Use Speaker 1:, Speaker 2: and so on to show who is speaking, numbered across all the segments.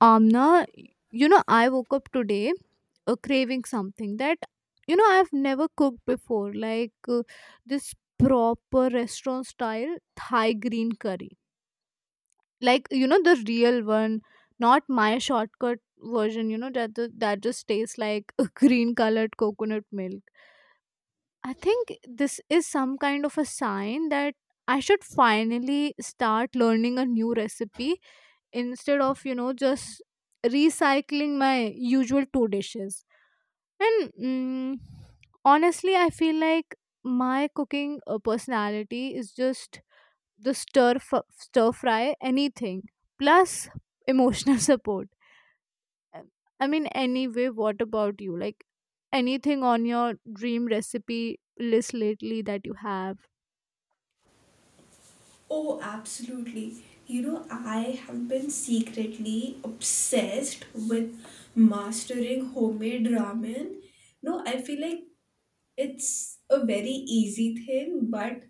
Speaker 1: Amna, I woke up today craving something that, I've never cooked before, like this proper restaurant style Thai green curry. Like, you know, the real one, not my shortcut version, you know, that just tastes like green colored coconut milk. I think this is some kind of a sign that I should finally start learning a new recipe instead of just recycling my usual two dishes. And honestly, I feel like my cooking personality is just the stir fry anything plus emotional support. Uh, anyway, what about you? Like anything on your dream recipe list lately that you have?
Speaker 2: Oh, absolutely. You know, I have been secretly obsessed with mastering homemade ramen. No, I feel like it's a very easy thing, but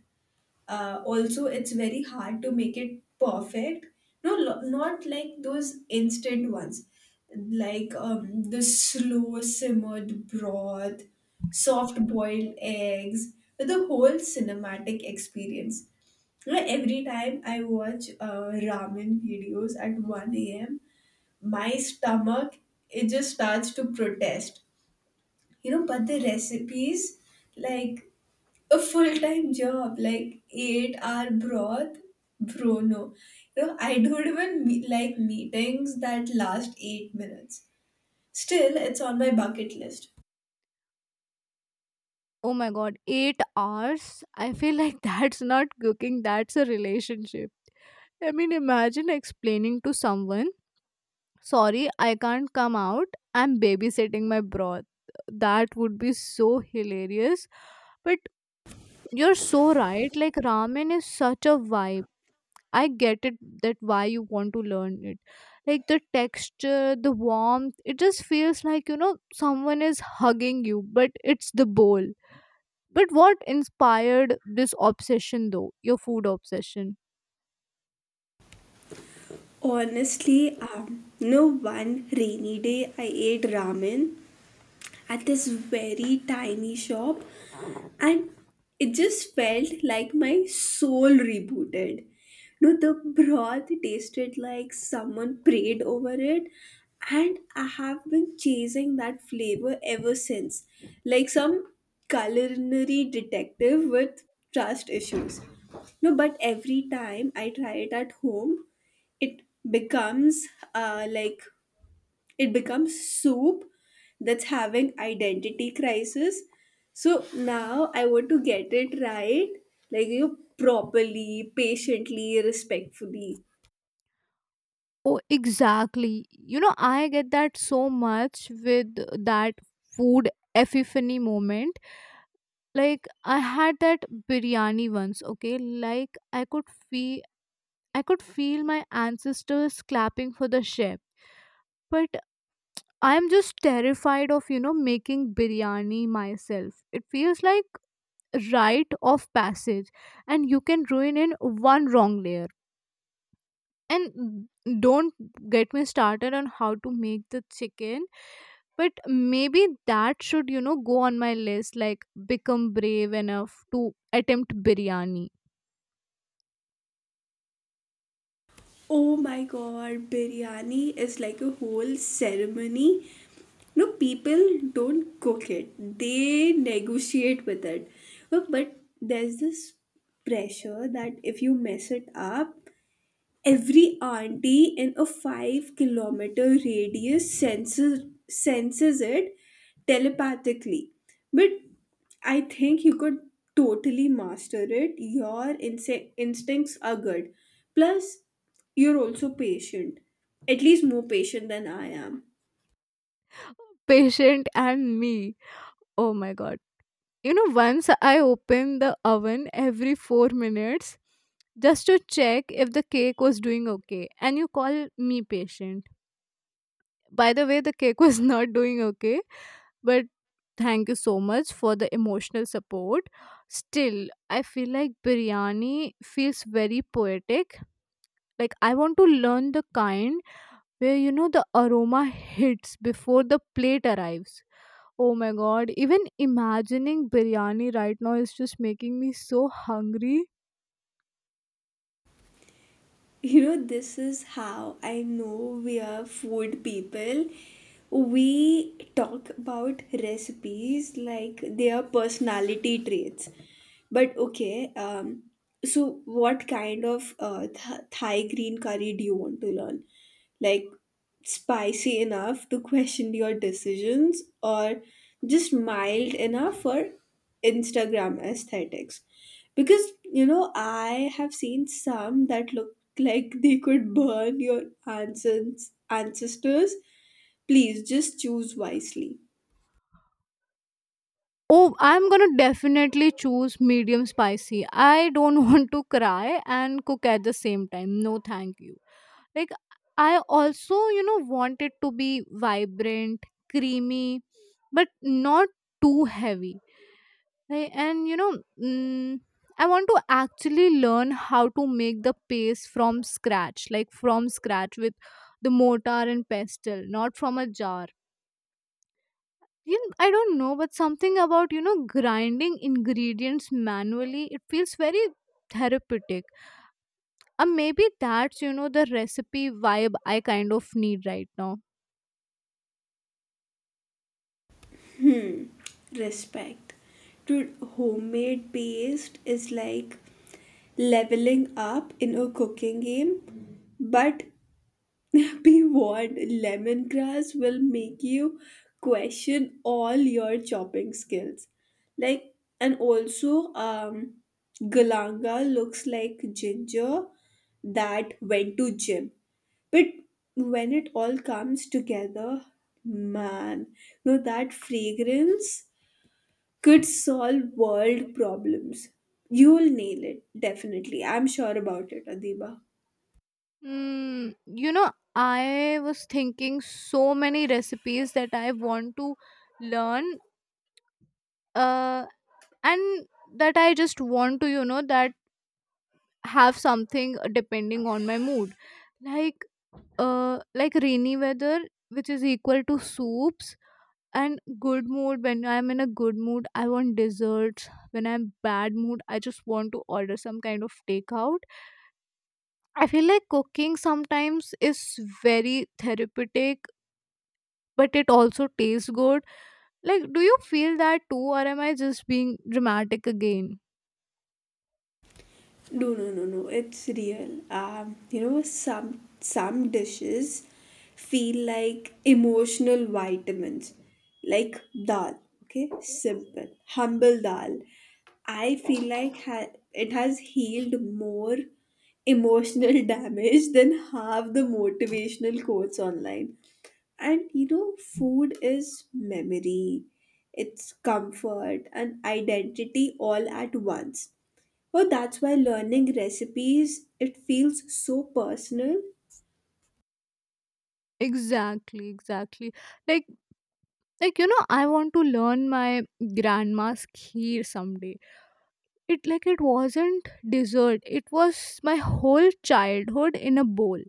Speaker 2: also it's very hard to make it perfect. No, not like those instant ones, like the slow simmered broth, soft boiled eggs, the whole cinematic experience. You know, every time I watch ramen videos at 1 a.m., my stomach, it just starts to protest. You know, but the recipes, like a full-time job, like 8-hour broth. Bro, no. You know, I don't even like meetings that last 8 minutes. Still, it's on my bucket list.
Speaker 1: Oh my god, 8 hours. I feel like that's not cooking, that's a relationship. I mean, imagine explaining to someone, sorry, I can't come out, I'm babysitting my broth. That would be so hilarious. But you're so right, like, ramen is such a vibe. I get it, that why you want to learn it. Like, the texture, the warmth, it just feels like, you know, someone is hugging you, but it's the bowl. But what inspired this obsession, though? Your food obsession?
Speaker 2: Honestly, no, one rainy day I ate ramen at this very tiny shop, and it just felt like my soul rebooted. No, the broth tasted like someone prayed over it, and I have been chasing that flavor ever since, like some culinary detective with trust issues. No, but every time I try it at home, it becomes like it becomes soup that's having identity crisis. So now I want to get it right, like, you know, properly, patiently, respectfully.
Speaker 1: Oh, exactly. You know, I get that so much with that food epiphany moment. Like I had that biryani once, okay? Like I could feel, I could feel my ancestors clapping for the chef. But I'm just terrified of, you know, making biryani myself. It feels like rite of passage and you can ruin in one wrong layer. And don't get me started on how to make the chicken, but maybe that should, you know, go on my list like become brave enough to attempt biryani.
Speaker 2: Oh my god, biryani is like a whole ceremony. No, people don't cook it, they negotiate with it. But there's this pressure that if you mess it up, every auntie in a 5-kilometer radius senses it telepathically. But I think you could totally master it. Your instincts are good. Plus, you're also patient, at least more patient than I am.
Speaker 1: Patient and me, oh my god. You know, once I open the oven every 4 minutes just to check if the cake was doing okay, and you call me patient. By the way, the cake was not doing okay. But thank you so much for the emotional support. Still, I feel like biryani feels very poetic. Like I want to learn the kind where, you know, the aroma hits before the plate arrives. Oh my god, even imagining biryani right now is just making me so hungry.
Speaker 2: You know, this is how I know we are food people. We talk about recipes like they are personality traits. But okay, so what kind of thai green curry do you want to learn? Like, spicy enough to question your decisions, or just mild enough for Instagram aesthetics. Because, you know, I have seen some that look like they could burn your ancestors. Please just choose wisely.
Speaker 1: Oh, I'm gonna definitely choose medium spicy. I don't want to cry and cook at the same time. No, thank you. Like I also, you know, want it to be vibrant, creamy, but not too heavy. And you know, I want to actually learn how to make the paste from scratch, like from scratch with the mortar and pestle, not from a jar. You know, I don't know, but something about, you know, grinding ingredients manually, it feels very therapeutic. And maybe that's, you know, the recipe vibe I kind of need right now.
Speaker 2: Respect. Dude, homemade paste is like leveling up in a cooking game, but be warned, lemongrass will make you question all your chopping skills. Like, and also, galanga looks like ginger that went to gym. But when it all comes together, man, you know that fragrance could solve world problems. You'll nail it, definitely. I'm sure about it, Adiba.
Speaker 1: You know, I was thinking so many recipes that I want to learn. uh, and that I just want to, you know, that have something depending on my mood. Like like rainy weather, which is equal to soups, and good mood. When I'm in a good mood, I want desserts. When I'm bad mood, I just want to order some kind of takeout. I feel like cooking sometimes is very therapeutic, but it also tastes good. Like do you feel that too, or am I just being dramatic again?
Speaker 2: No, no, no, no. It's real. You know, some dishes feel like emotional vitamins, like dal. Okay, simple, humble dal. I feel like it has healed more emotional damage than half the motivational quotes online. And you know, food is memory, it's comfort and identity all at once. Oh, that's why learning recipes, it feels so personal.
Speaker 1: Exactly, exactly. like like you know, I want to learn my grandma's kheer someday. It, like it wasn't dessert, it was my whole childhood in a bowl.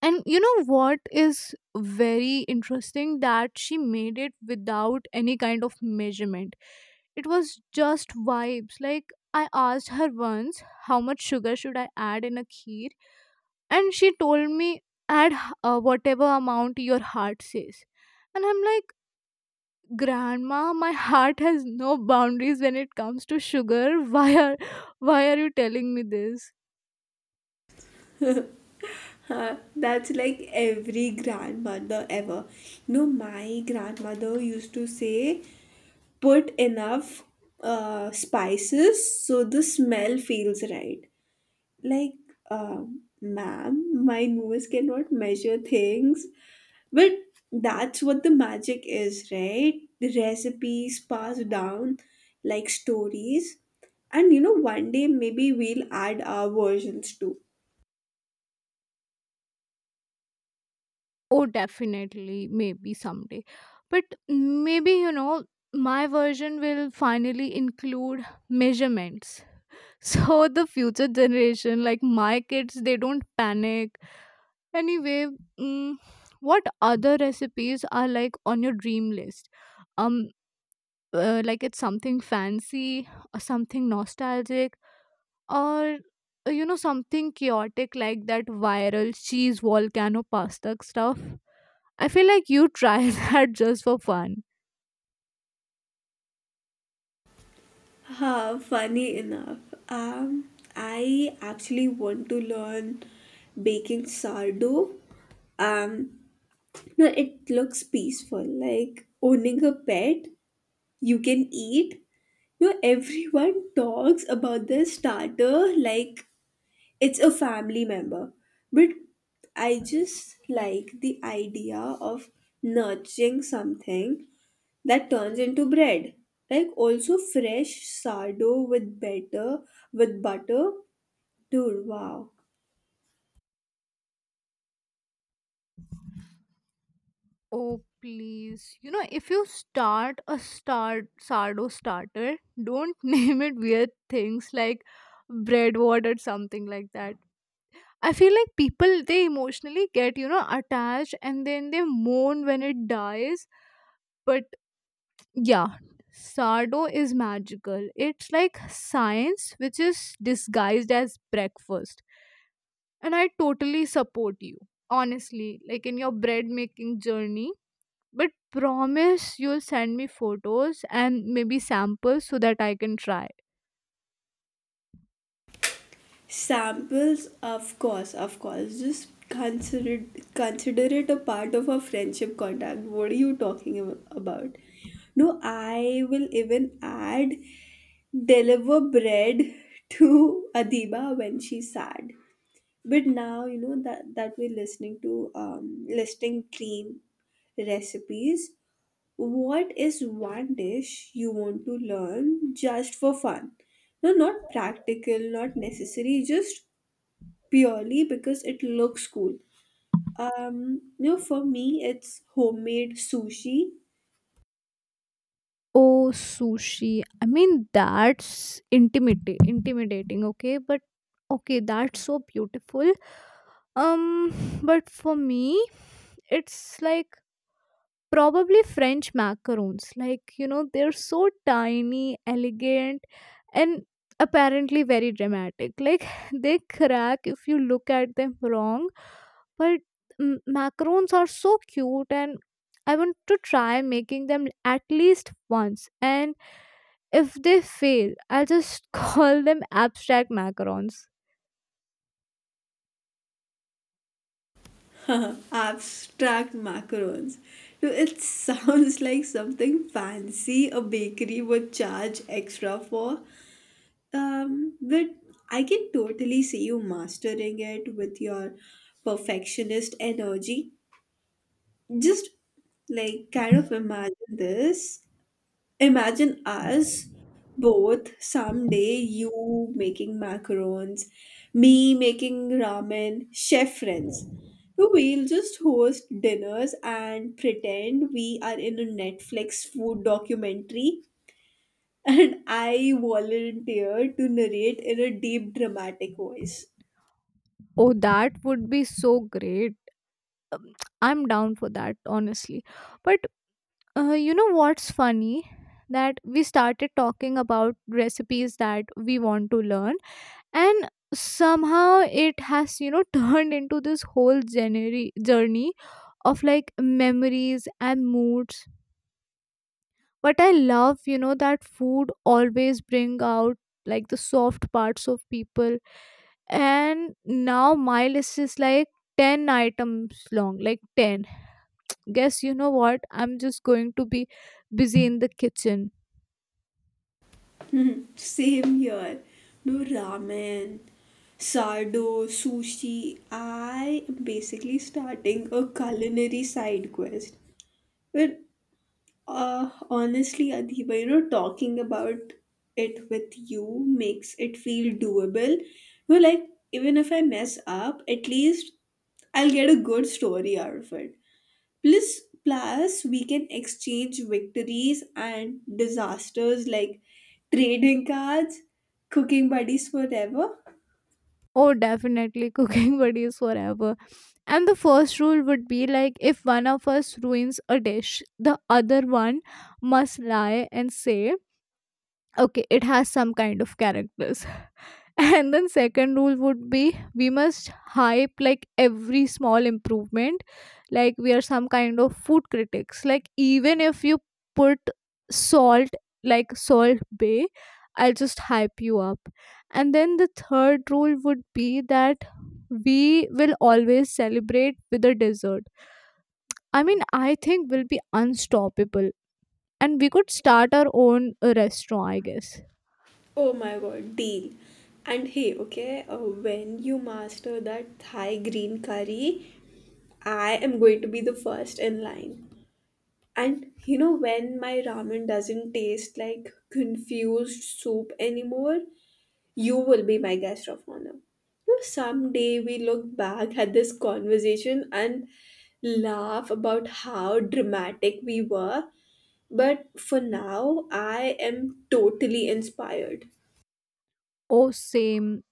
Speaker 1: And you know what is very interesting, that she made it without any kind of measurement. It was just vibes. Like I asked her once, how much sugar should I add in a kheer? And she told me, add whatever amount your heart says. And I'm like, Grandma, my heart has no boundaries when it comes to sugar. Why are you telling me this?
Speaker 2: Huh, that's like every grandmother ever. No, my grandmother used to say, put enough spices so the smell feels right. Like, ma'am, my nose cannot measure things. But that's what the magic is, right? The recipes passed down like stories. And you know, one day maybe we'll add our versions too.
Speaker 1: Oh, definitely, maybe someday. But maybe, you know, my version will finally include measurements. So the future generation, like my kids, they don't panic. Anyway, mm, what other recipes are like on your dream list? Um, like it's something fancy, or something nostalgic, or you know, something chaotic like that viral cheese volcano pasta stuff. I feel like you try that just for fun.
Speaker 2: Ha, funny enough. Um, I actually want to learn baking sourdough. Um, no, it looks peaceful, like owning a pet you can eat. No, everyone talks about their starter like it's a family member, but I just like the idea of nurturing something that turns into bread. Like also fresh sourdough with butter. Dude, wow.
Speaker 1: Oh please, you know, if you start a star sardo starter, don't name it weird things like breadboard or something like that. I feel like people, they emotionally get, you know, attached, and then they mourn when it dies. But yeah, sardo is magical. It's like science which is disguised as breakfast. And I totally support you, honestly, like in your bread making journey. But promise you'll send me photos and maybe samples so that I can try.
Speaker 2: Samples, of course, of course, just consider it a part of our friendship contact. What are you talking about? No, I will even add deliver bread to Adiba when she's sad. But now you know that we're listening to listing cream recipes. What is one dish you want to learn just for fun? No, not practical, not necessary, just purely because it looks cool. You know, for me, it's homemade sushi.
Speaker 1: Oh, sushi. I mean, that's intimidating, okay? But okay, that's so beautiful. Um, but for me, it's like probably French macarons. Like, you know, they're so tiny, elegant, and apparently very dramatic. Like, they crack if you look at them wrong. But macarons are so cute, and I want to try making them at least once. And if they fail, I'll just call them abstract macarons.
Speaker 2: Abstract macarons. No, it sounds like something fancy a bakery would charge extra for. But I can totally see you mastering it with your perfectionist energy. Just like kind of imagine this. Imagine us both someday, you making macarons, me making ramen, chef friends. We'll just host dinners and pretend we are in a Netflix food documentary and I volunteer to narrate in a deep dramatic voice.
Speaker 1: Oh, that would be so great. I'm down for that, honestly. But you know what's funny? That we started talking about recipes that we want to learn, and somehow it has, you know, turned into this whole journey of like memories and moods. But I love, you know, that food always bring out like the soft parts of people. And now my list is like 10 items long, like 10. Guess you know what? I'm just going to be busy in the kitchen.
Speaker 2: Same here. No ramen, sardo, sushi. I am basically starting a culinary side quest. But honestly, Adiba, you know, talking about it with you makes it feel doable. You know, like even if I mess up, at least I'll get a good story out of it. Plus, we can exchange victories and disasters like trading cards, cooking buddies forever.
Speaker 1: Oh, definitely. Cooking buddies forever. And the first rule would be like if one of us ruins a dish, the other one must lie and say, okay, it has some kind of character. And then second rule would be we must hype like every small improvement, like we are some kind of food critics. Like even if you put salt like salt bay, I'll just hype you up. And then the third rule would be that we will always celebrate with a dessert. I mean, I think we'll be unstoppable, and we could start our own restaurant, I guess.
Speaker 2: Oh my god, deal. And hey, okay, when you master that Thai green curry, I am going to be the first in line. And you know, when my ramen doesn't taste like confused soup anymore, you will be my guest of honor. You know, someday we look back at this conversation and laugh about how dramatic we were, but for now, I am totally inspired.
Speaker 1: Oh, same.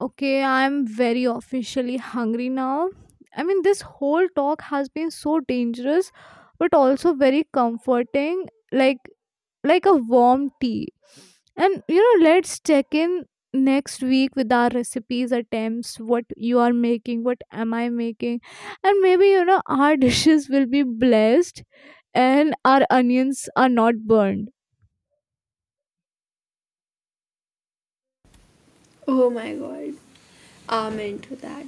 Speaker 1: Okay, I'm very officially hungry now. I mean, this whole talk has been so dangerous, but also very comforting, like a warm tea. And you know, let's check in next week with our recipes attempts, what you are making, what am I making, and maybe, you know, our dishes will be blessed and our onions are not burned.
Speaker 2: Oh my god. I'm into that.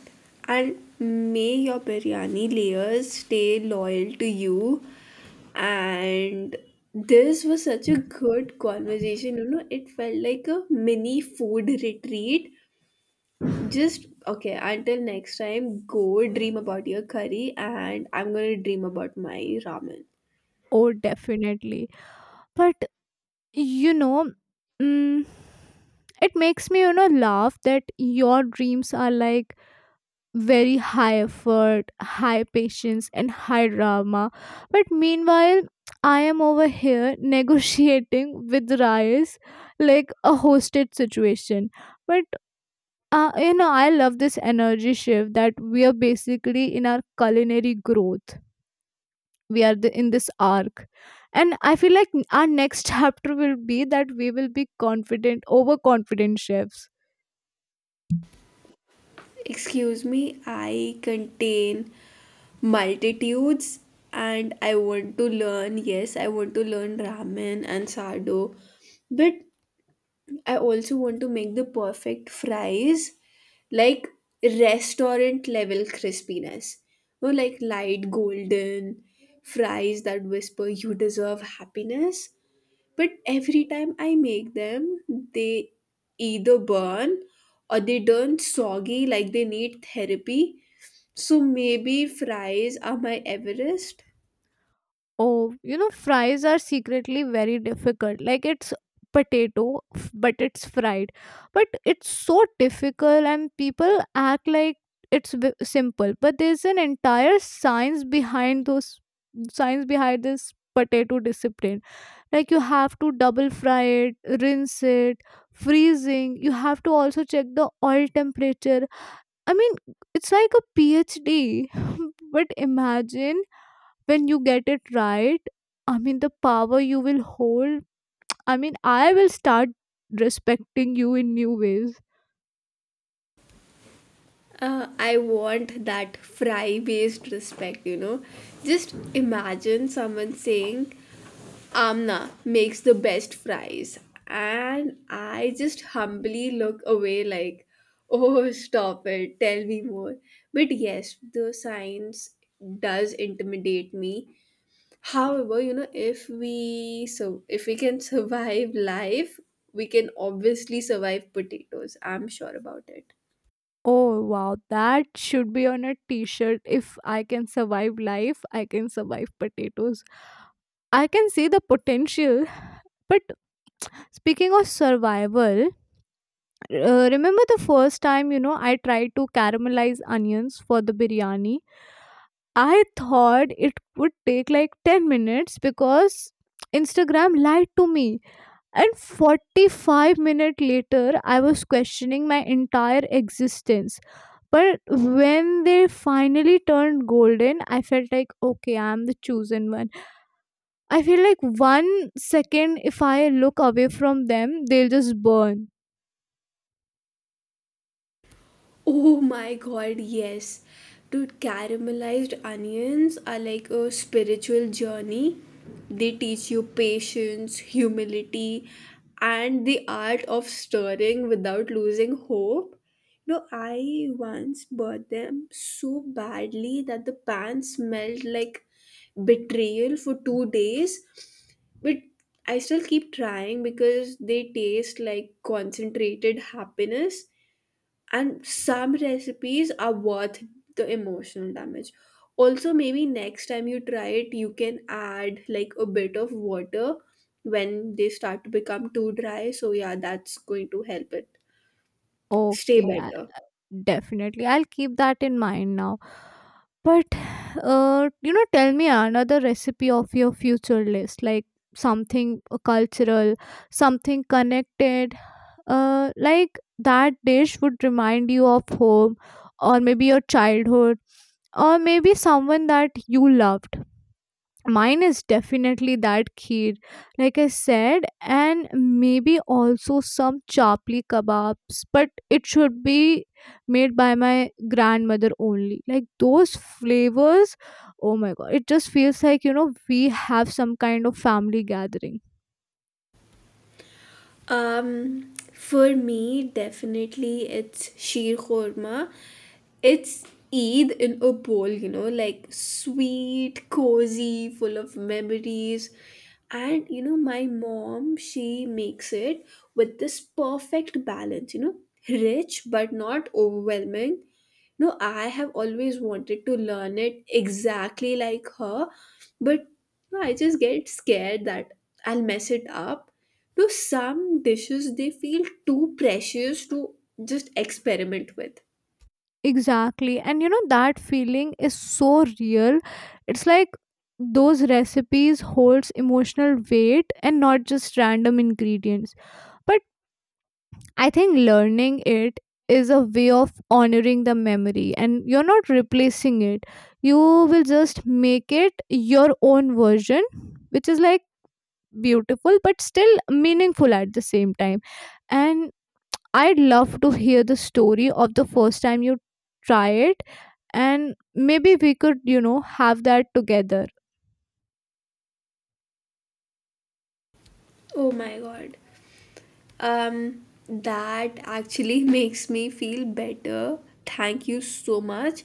Speaker 2: And may your biryani layers stay loyal to you. And this was such a good conversation. You know, it felt like a mini food retreat. Just okay, until next time, go dream about your curry and I'm gonna dream about my ramen.
Speaker 1: Oh, definitely. But you know, mm, it makes me, you know, laugh that your dreams are like very high effort, high patience, and high drama, but meanwhile I am over here negotiating with rice like a hosted situation. But you know, I love this energy shift, that we are basically in our culinary growth. We are in this arc, and I feel like our next chapter will be that we will be confident overconfident chefs.
Speaker 2: Excuse me, I contain multitudes, and I want to learn, yes, I want to learn ramen and sado, but I also want to make the perfect fries, like restaurant level crispiness. Or like light golden fries that whisper you deserve happiness. But every time I make them, they either burn or they turn soggy like they need therapy. So maybe fries are my Everest.
Speaker 1: Oh, you know, fries are secretly very difficult. Like it's but it's fried, but it's so difficult, and people act like it's simple, but there's an entire science behind this potato discipline. Like you have to double fry it, rinse it, freezing. You have to also check the oil temperature. I mean, it's like a phd. But imagine when you get it right, I mean the power you will hold. I mean I will start respecting you in new ways.
Speaker 2: I want that fry based respect, you know. Just imagine someone saying, Amna makes the best fries, and I just humbly look away like, oh, stop it, tell me more. But yes, the science does intimidate me. However, you know, if we can survive life, we can obviously survive potatoes. I'm sure about it.
Speaker 1: Oh wow, that should be on a t-shirt. If I can survive life, I can survive potatoes. I can see the potential. But speaking of survival, remember the first time, you know, I tried to caramelize onions for the biryani? I thought it would take like 10 minutes because instagram lied to me, and 45 minutes later I was questioning my entire existence. But when they finally turned golden, I felt like okay, I am the chosen one. I feel like 1 second if I look away from them, they'll just burn.
Speaker 2: Oh my god, yes. Dude, caramelized onions are like a spiritual journey. They teach you patience, humility, and the art of stirring without losing hope. No, I once bought them so badly that the pan smelled like betrayal for 2 days. But I still keep trying because they taste like concentrated happiness, and some recipes are worth the emotional damage. Also, maybe next time you try it, you can add like a bit of water when they start to become too dry, so yeah, that's going to help it stay
Speaker 1: Okay.
Speaker 2: better.
Speaker 1: Definitely, I'll keep that in mind now. But you know, tell me another recipe of your future list, like something cultural, something connected. Like that dish would remind you of home, or maybe your childhood, or maybe someone that you loved. Mine is definitely that kheer, like I said, and maybe also some chapli kebabs, but it should be made by my grandmother only. Like those flavors, oh my god, it just feels like we have some kind of family gathering.
Speaker 2: For me, definitely it's sheer khorma. It's Eid in a bowl, you know, like sweet, cozy, full of memories. And you know, my mom, she makes it with this perfect balance, you know, rich but not overwhelming. No, I have always wanted to learn it exactly like her, but I just get scared that I'll mess it up. To some dishes, they feel too precious to just experiment with.
Speaker 1: Exactly, and that feeling is so real. It's like those recipes holds emotional weight and not just random ingredients, but I think learning it is a way of honoring the memory, and you're not replacing it. You will just make it your own version, which is like beautiful but still meaningful at the same time. And I'd love to hear the story of the first time you try it, and maybe we could, have that together.
Speaker 2: Oh my god. That actually makes me feel better. Thank you so much.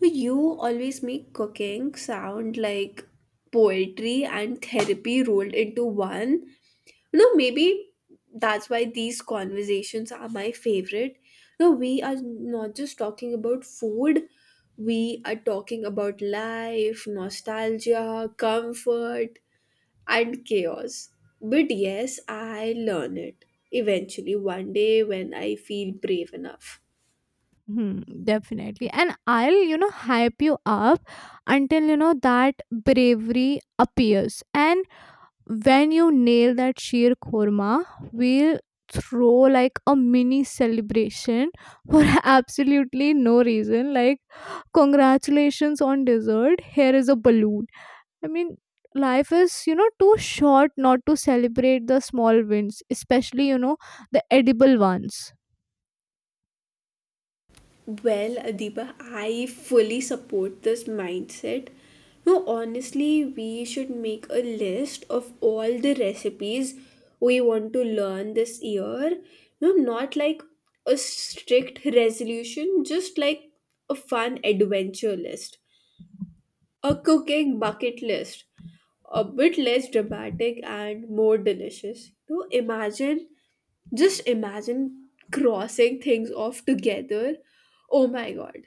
Speaker 2: You always make cooking sound like poetry and therapy rolled into one. You know, maybe that's why these conversations are my favorite. You know, we are not just talking about food, we are talking about life, nostalgia, comfort, and chaos. But yes, I learn it eventually one day when I feel brave enough.
Speaker 1: Hmm, definitely. And I'll, hype you up until, that bravery appears. And when you nail that sheer korma, we'll throw like a mini celebration for absolutely no reason. Like, congratulations on dessert. Here is a balloon. I mean, life is, too short not to celebrate the small wins, especially, the edible ones.
Speaker 2: Well, Adiba, I fully support this mindset. No, honestly, we should make a list of all the recipes we want to learn this year. No, not like a strict resolution, just like a fun adventure list, a cooking bucket list, a bit less dramatic and more delicious. No, imagine, just imagine crossing things off together. Oh my god.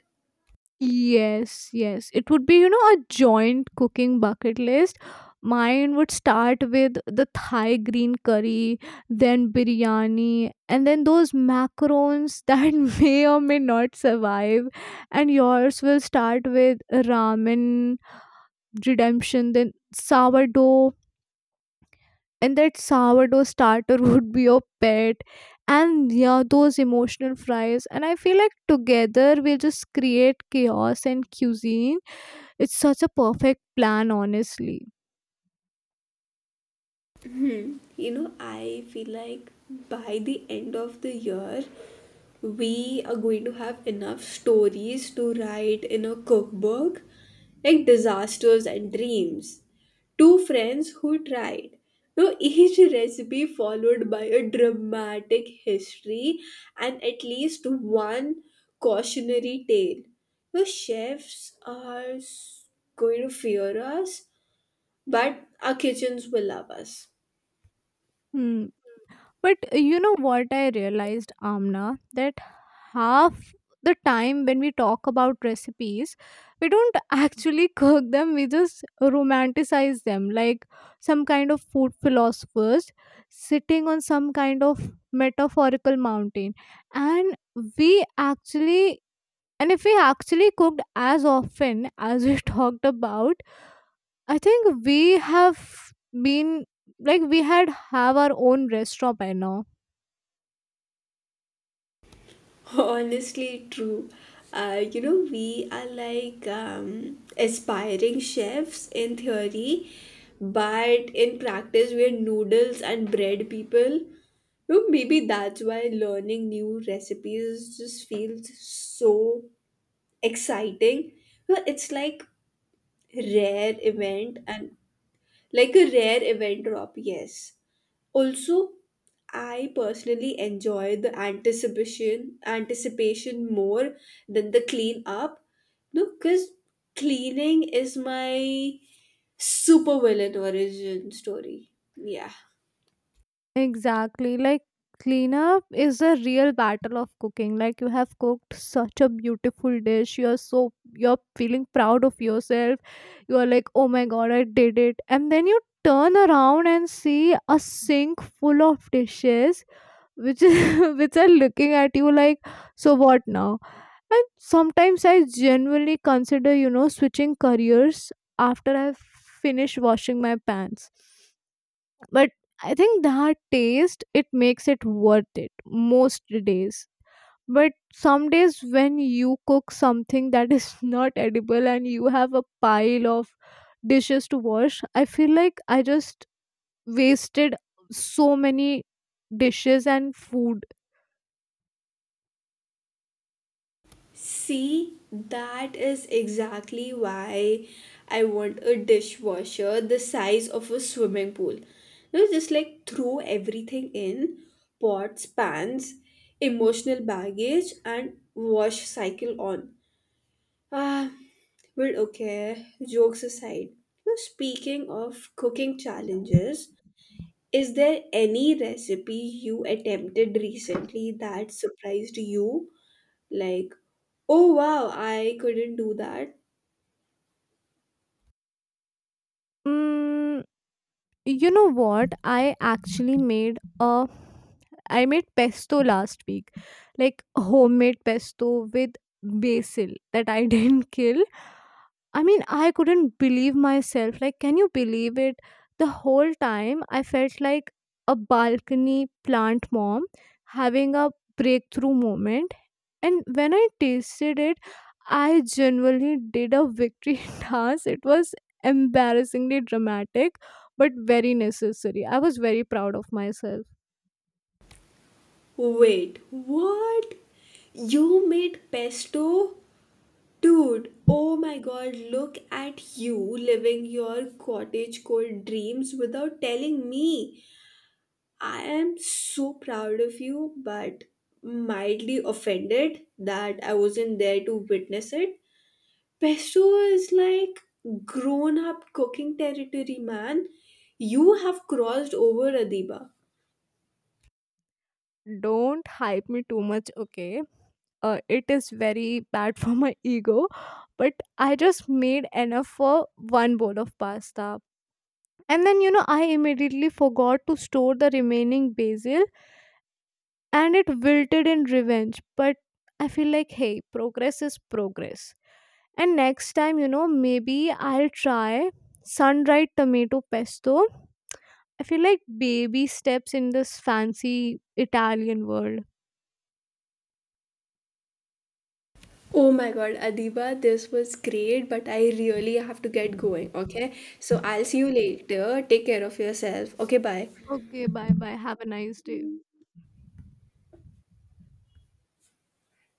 Speaker 1: Yes, yes, it would be, a joint cooking bucket list. Mine would start with the Thai green curry, then biryani, and then those macarons that may or may not survive. And yours will start with ramen, redemption, then sourdough, and that sourdough starter would be your pet. And yeah, those emotional fries, and I feel like together we'll just create chaos and cuisine. It's such a perfect plan, honestly.
Speaker 2: You know, I feel like by the end of the year, we are going to have enough stories to write in a cookbook, like disasters and dreams. Two friends who tried. No, each recipe followed by a dramatic history and at least one cautionary tale. The chefs are going to fear us, but our kitchens will love us.
Speaker 1: Hmm. But what I realized, Amna, that half the time when we talk about recipes, we don't actually cook them. We just romanticize them, like some kind of food philosophers sitting on some kind of metaphorical mountain. And we actually and If we actually cooked as often as we talked about, I think we have been like we had have our own restaurant by now.
Speaker 2: Honestly, true. You know, we are like aspiring chefs in theory, but in practice, we're noodles and bread people. You know, maybe that's why learning new recipes just feels so exciting. You know, it's like rare event and like a rare event drop, yes. Also, I personally enjoy the anticipation more than the clean up. No, because cleaning is my super villain origin story. Yeah.
Speaker 1: Exactly. Like cleanup is a real battle of cooking. Like you have cooked such a beautiful dish. You're so, you're feeling proud of yourself. You are like, oh my god, I did it. And then you turn around and see a sink full of dishes which is which are looking at you like, so what now? And sometimes I genuinely consider, switching careers after I've finished washing my pants. But I think that taste, it makes it worth it most days. But some days when you cook something that is not edible and you have a pile of dishes to wash, I feel like I just wasted so many dishes and food.
Speaker 2: See, that is exactly why I want a dishwasher the size of a swimming pool. You know, just like throw everything in, pots, pans, emotional baggage, and wash cycle on. Ah, but okay, jokes aside. You know, speaking of cooking challenges, is there any recipe you attempted recently that surprised you, like, oh wow, I couldn't do that.
Speaker 1: Mm, you know what? I made pesto last week. Like homemade pesto with basil that I didn't kill. I mean, I couldn't believe myself. Like can you believe it? The whole time I felt like a balcony plant mom having a breakthrough moment. And when I tasted it, I genuinely did a victory dance. It was embarrassingly dramatic, but very necessary. I was very proud of myself.
Speaker 2: Wait, what? You made pesto? Dude, oh my god, look at you living your cottagecore dreams without telling me. I am so proud of you, but mildly offended that I wasn't there to witness it. Pesto is like grown up cooking territory, man. You have crossed over, Adiba.
Speaker 1: Don't hype me too much, okay? It is very bad for my ego, but I just made enough for one bowl of pasta. And then, I immediately forgot to store the remaining basil and it wilted in revenge. But I feel like, hey, progress is progress. And next time, maybe I'll try sun-dried tomato pesto. I feel like baby steps in this fancy Italian world.
Speaker 2: Oh my God, Adiba, this was great, but I really have to get going, okay? So I'll see you later. Take care of yourself. Okay, bye.
Speaker 1: Okay, bye bye. Have a nice day.